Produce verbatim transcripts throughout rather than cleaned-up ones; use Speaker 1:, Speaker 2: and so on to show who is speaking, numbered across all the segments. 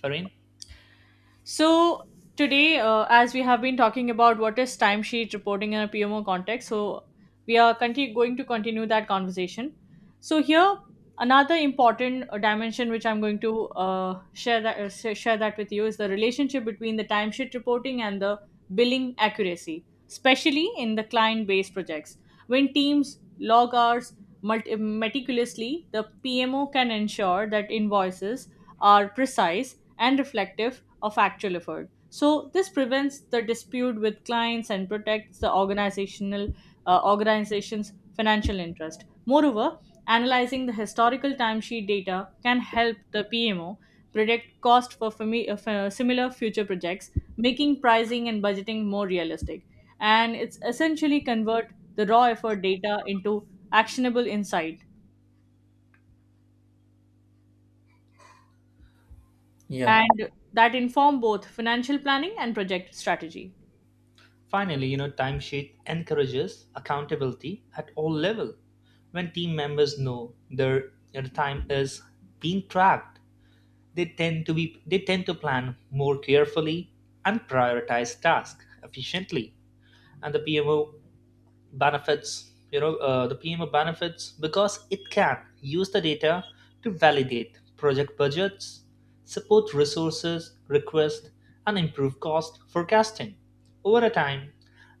Speaker 1: Farin.
Speaker 2: So today, uh, as we have been talking about what is timesheet reporting in a P M O context, so we are conti- going to continue that conversation. So here, another important uh, dimension which I'm going to uh, share that uh, sh- share that with you is the relationship between the timesheet reporting and the billing accuracy, especially in the client-based projects. When teams log hours multi- meticulously, the P M O can ensure that invoices are precise and reflective of actual effort. So this prevents the dispute with clients and protects the organizational uh, organization's financial interest. Moreover, analyzing the historical timesheet data can help the P M O predict cost for fami- uh, for similar future projects, making pricing and budgeting more realistic. And it's essentially convert the raw effort data into actionable insight,
Speaker 3: Yeah,
Speaker 2: and that inform both financial planning and project strategy.
Speaker 1: Finally, you know, timesheet encourages accountability at all level. When team members know their, their time is being tracked, they tend to be they tend to plan more carefully and prioritize tasks efficiently. And the P M O benefits, you know uh, the pmo benefits because it can use the data to validate project budgets, support resources request, and improve cost forecasting over a time.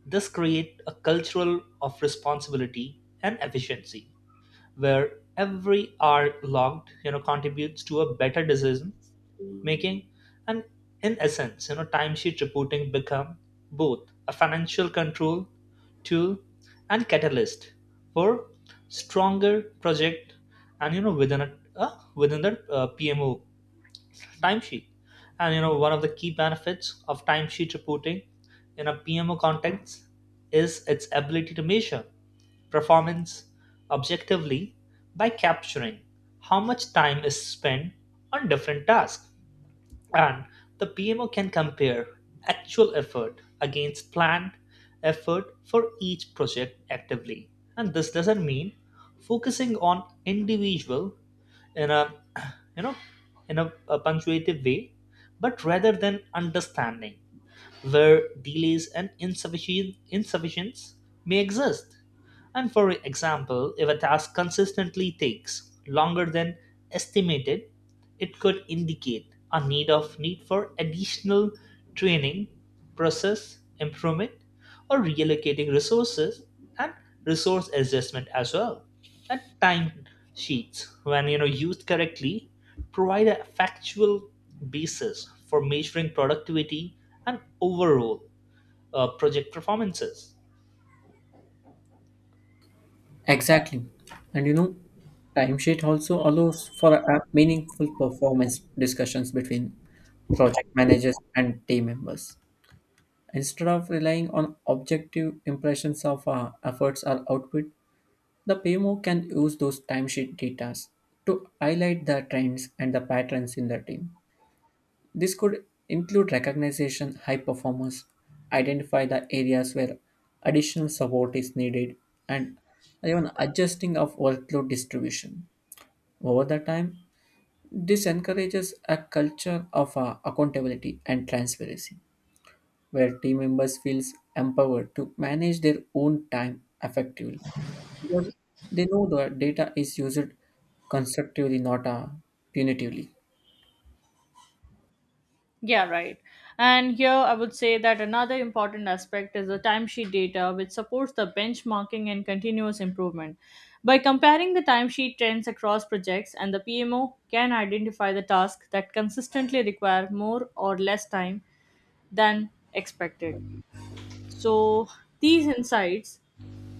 Speaker 1: This creates a cultural of responsibility and efficiency, where every hour logged, you know contributes to a better decision making. And in essence, you know timesheet reporting become both a financial control tool and catalyst for stronger project. And you know within a uh, within the uh, pmo timesheet. And you know one of the key benefits of timesheet reporting in a PMO context is its ability to measure performance objectively by capturing how much time is spent on different tasks, and the P M O can compare actual effort against planned effort for each project actively. And this doesn't mean focusing on individual in a, you know in a, a punctuative way, but rather than understanding where delays and insufficient, insufficiency may exist. And for example, if a task consistently takes longer than estimated, it could indicate a need of need for additional training, process improvement, or reallocating resources and resource adjustment as well, that timesheets, when you know used correctly, provide a factual basis for measuring productivity and overall uh, project performances.
Speaker 3: exactly. And you know, timesheet also allows for a meaningful performance discussions between project managers and team members. Instead of relying on objective impressions of uh, efforts or output, the P M O can use those timesheet data to highlight the trends and the patterns in the team. This could include recognition, high performers, identify the areas where additional support is needed, and even adjusting of workload distribution. Over the time, this encourages a culture of uh, accountability and transparency, where team members feel empowered to manage their own time effectively. Because they know the data is used constructively, not uh, punitively.
Speaker 2: Yeah, right. And here I would say that another important aspect is the timesheet data, which supports the benchmarking and continuous improvement. By comparing the timesheet trends across projects, and the P M O can identify the tasks that consistently require more or less time than expected. So these insights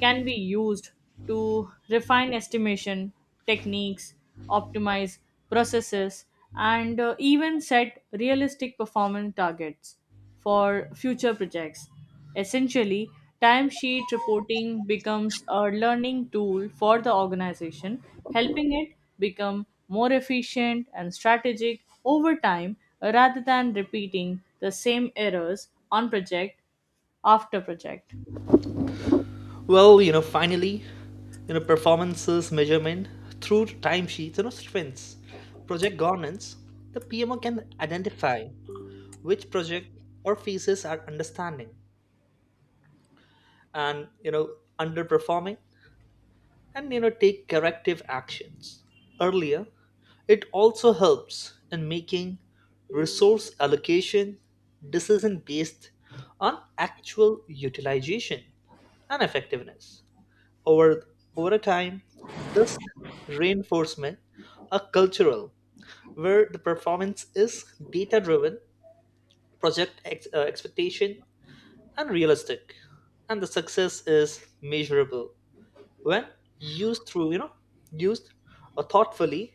Speaker 2: can be used to refine estimation techniques, optimize processes, and uh, even set realistic performance targets for future projects. Essentially, timesheet reporting becomes a learning tool for the organization, helping it become more efficient and strategic over time rather than repeating the same errors on project after project.
Speaker 1: Well, you know, finally, you know, performances measurement through timesheets, you know, sprints, project governance. The P M O can identify which project or phases are understanding and, you know underperforming, and you know take corrective actions earlier. It also helps in making resource allocation decision based on actual utilization and effectiveness over over time. This reinforcement a cultural where the performance is data driven, project ex- uh, expectation and realistic, and the success is measurable when used through, you know used uh, thoughtfully.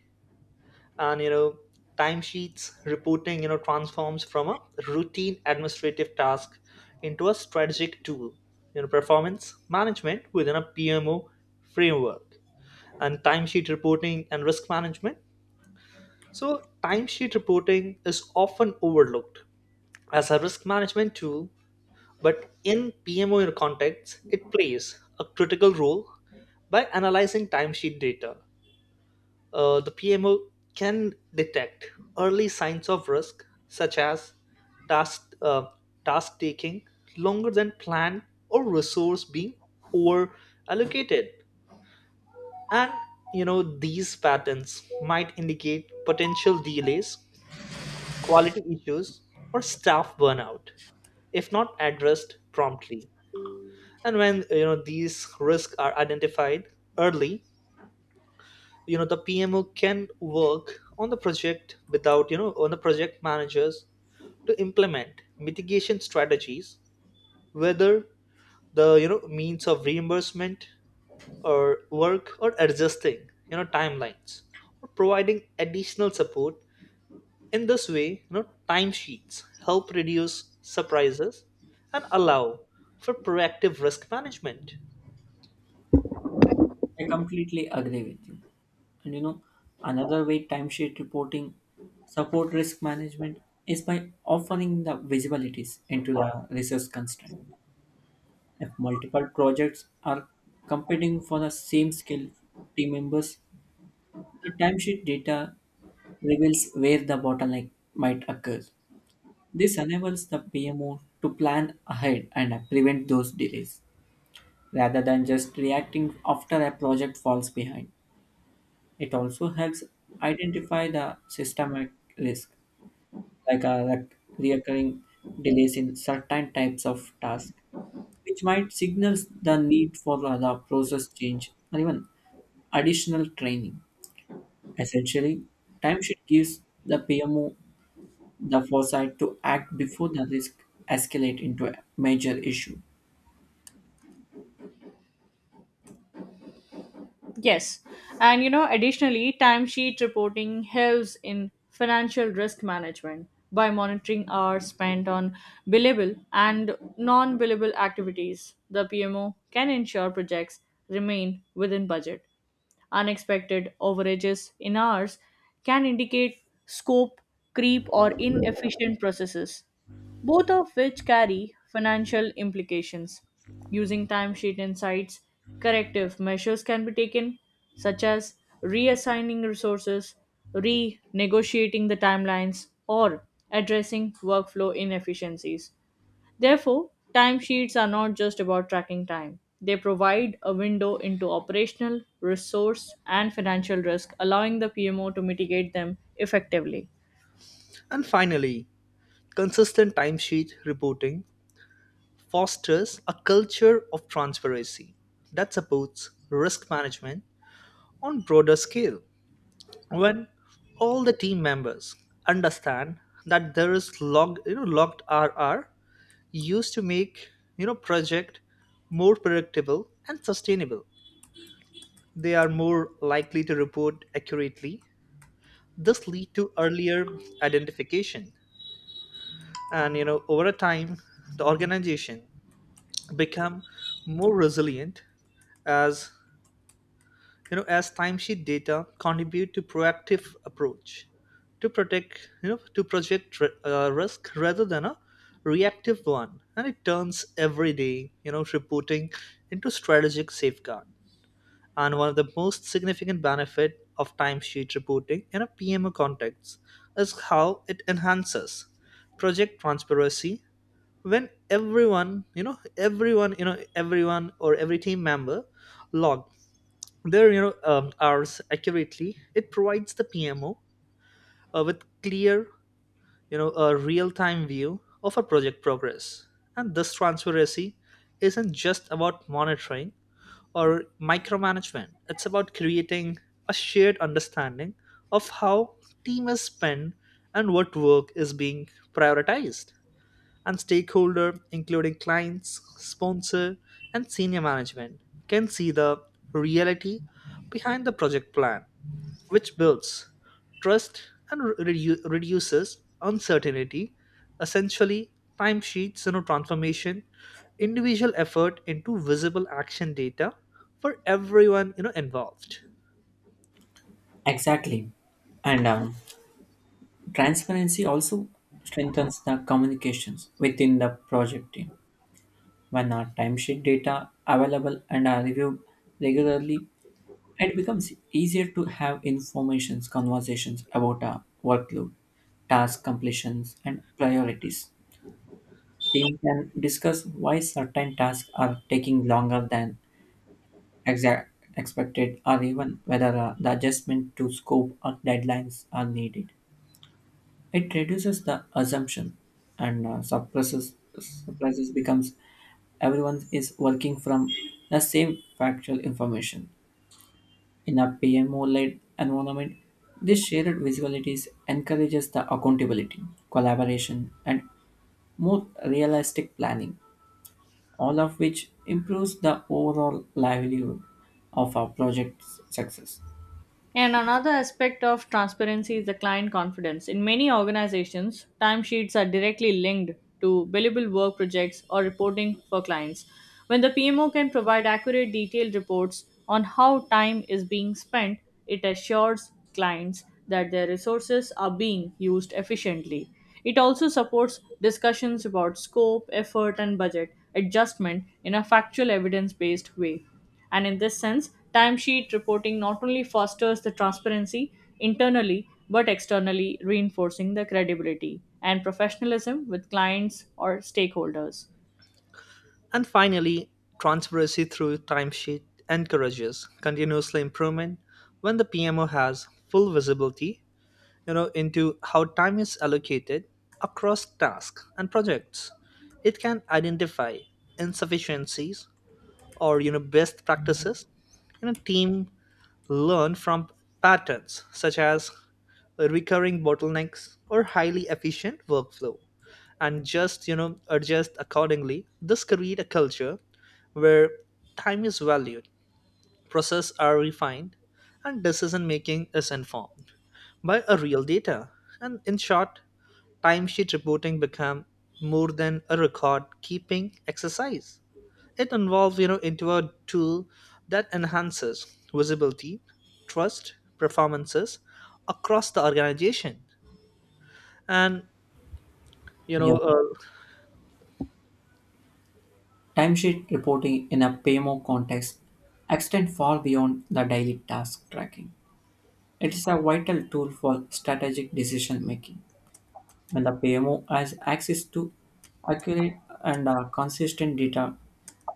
Speaker 1: And you know timesheets reporting, you know transforms from a routine administrative task into a strategic tool, you know performance management within a pmo framework. And timesheet reporting and risk management, so timesheet reporting is often overlooked as a risk management tool, but in pmo context it plays a critical role. By analyzing timesheet data, Uh, the P M O can detect early signs of risk, such as task uh, task taking longer than planned or resource being over allocated. And you know these patterns might indicate potential delays, quality issues, or staff burnout if not addressed promptly. And when you know these risks are identified early, you know the P M O can work on the project without you know on the project managers to implement mitigation strategies, whether the you know means of reimbursement or work, or adjusting you know timelines, or providing additional support. In this way, you know timesheets help reduce surprises and allow for proactive risk management.
Speaker 3: I completely agree with you. And you know, another way timesheet reporting support risk management is by offering the visibilities into the resource constraint. If multiple projects are competing for the same skill team members, the timesheet data reveals where the bottleneck might occur. This enables the P M O to plan ahead and uh, prevent those delays rather than just reacting after a project falls behind. It also helps identify the systemic risk like uh, like reoccurring delays in certain types of tasks, which might signal the need for the, the process change or even additional training. Essentially, timesheet gives the P M O the foresight to act before the risk escalate into a major issue.
Speaker 2: Yes. And you know, additionally, timesheet reporting helps in financial risk management by monitoring hours spent on billable and non billable activities. The P M O can ensure projects remain within budget. Unexpected overages in hours can indicate scope, creep, or inefficient processes, both of which carry financial implications. Using timesheet insights, corrective measures can be taken, such as reassigning resources, renegotiating the timelines, or addressing workflow inefficiencies. Therefore, timesheets are not just about tracking time. They provide a window into operational, resource, and financial risk, allowing the P M O to mitigate them effectively.
Speaker 1: And finally, consistent timesheet reporting fosters a culture of transparency that supports risk management on broader scale. When all the team members understand that there is log, you know, logged R R used to make you know project more predictable and sustainable, they are more likely to report accurately. This lead to earlier identification, and you know over a time, the organization become more resilient as, you know as timesheet data contribute to proactive approach to protect you know to project r- uh, risk rather than a reactive one. And it turns everyday, you know reporting into strategic safeguard. And one of the most significant benefit of timesheet reporting in a P M O context is how it enhances project transparency. When everyone you know everyone you know everyone or every team member log their, you know um, hours accurately, it provides the pmo uh, with clear, you know a real-time view of a project progress. And this transparency isn't just about monitoring or micromanagement. It's about creating a shared understanding of how team is spent and what work is being prioritized. And stakeholder including clients, sponsor, and senior management can see the reality behind the project plan, which builds trust and re- redu- reduces uncertainty. Essentially, timesheets, you know, transformation individual effort into visible action data for everyone, you know involved.
Speaker 3: Exactly. And um, transparency also strengthens the communications within the project team. When our timesheet data available and are reviewed regularly, it becomes easier to have informations conversations about a workload, task completions, and priorities. Team can discuss why certain tasks are taking longer than exact expected or even whether uh, the adjustment to scope or deadlines are needed. It reduces the assumption and uh, suppresses surprises becomes everyone is working from the same factual information. In a P M O-led environment, this shared visibilities encourages the accountability, collaboration, and more realistic planning, all of which improves the overall livelihood of our project's success.
Speaker 2: And another aspect of transparency is the client confidence. In many organizations, timesheets are directly linked to billable work projects or reporting for clients. When the P M O can provide accurate, detailed reports on how time is being spent, it assures clients that their resources are being used efficiently. It also supports discussions about scope, effort, and budget adjustment in a factual, evidence based way. And in this sense, timesheet reporting not only fosters the transparency internally but externally, reinforcing the credibility and professionalism with clients or stakeholders.
Speaker 1: And finally, transparency through timesheet encourages continuously improvement. When the pmo has full visibility, you know into how time is allocated across tasks and projects, it can identify insufficiencies or, you know best practices. You know team learn from patterns such as recurring bottlenecks or highly efficient workflow, and just, you know adjust accordingly. This create a culture where time is valued, process are refined, and decision making is informed by a real data. And in short, timesheet reporting became more than a record keeping exercise. It involved, you know, into a tool that enhances visibility, trust, performances across the organization. And you
Speaker 3: Yeah.
Speaker 1: know, uh,
Speaker 3: Timesheet reporting in a P M O context extend far beyond the daily task tracking. It is a vital tool for strategic decision making. When the P M O has access to accurate and uh, consistent data,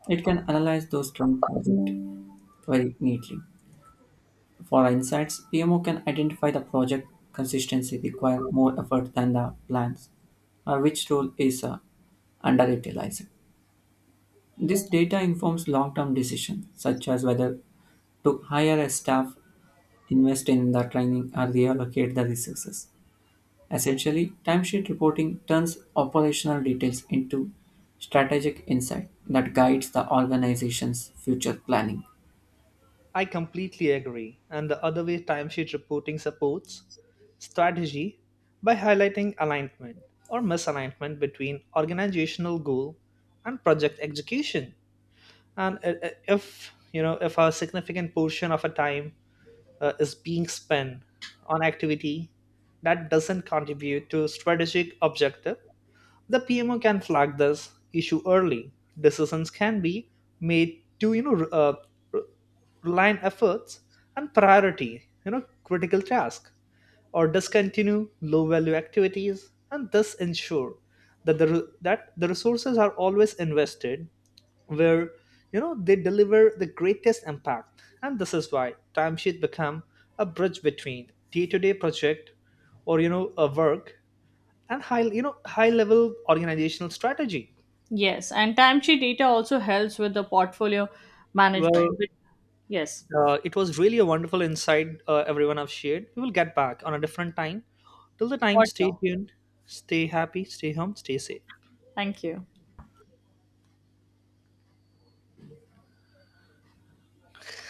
Speaker 3: it can analyze those trend project very neatly. For insights, P M O can identify the project consistency require more effort than the plans, or which role is uh, underutilized. This data informs long-term decisions, such as whether to hire a staff, invest in the training, or reallocate the resources. Essentially, timesheet reporting turns operational details into strategic insight that guides the organization's future planning.
Speaker 1: I completely agree. And the other way timesheet reporting supports strategy by highlighting alignment or misalignment between organizational goal and project execution. And i- i- if you know if a significant portion of a time uh, is being spent on activity that doesn't contribute to strategic objective, the pmo can flag this issue early. Decisions can be made to, you know re- uh, re- align efforts and priority, you know critical task, or discontinue low value activities, and thus ensure that the re- that the resources are always invested where you know they deliver the greatest impact. And this is why timesheet become a bridge between day-to-day project or, you know a work, and high you know high level organizational strategy.
Speaker 2: Yes, and timesheet data also helps with the portfolio management.
Speaker 1: Well,
Speaker 2: Yes,
Speaker 1: uh, it was really a wonderful insight. Uh, everyone have shared, we will get back on a different time. Till the time,
Speaker 2: for
Speaker 1: stay
Speaker 2: sure.
Speaker 1: tuned. Stay happy, stay home, stay safe.
Speaker 2: Thank you.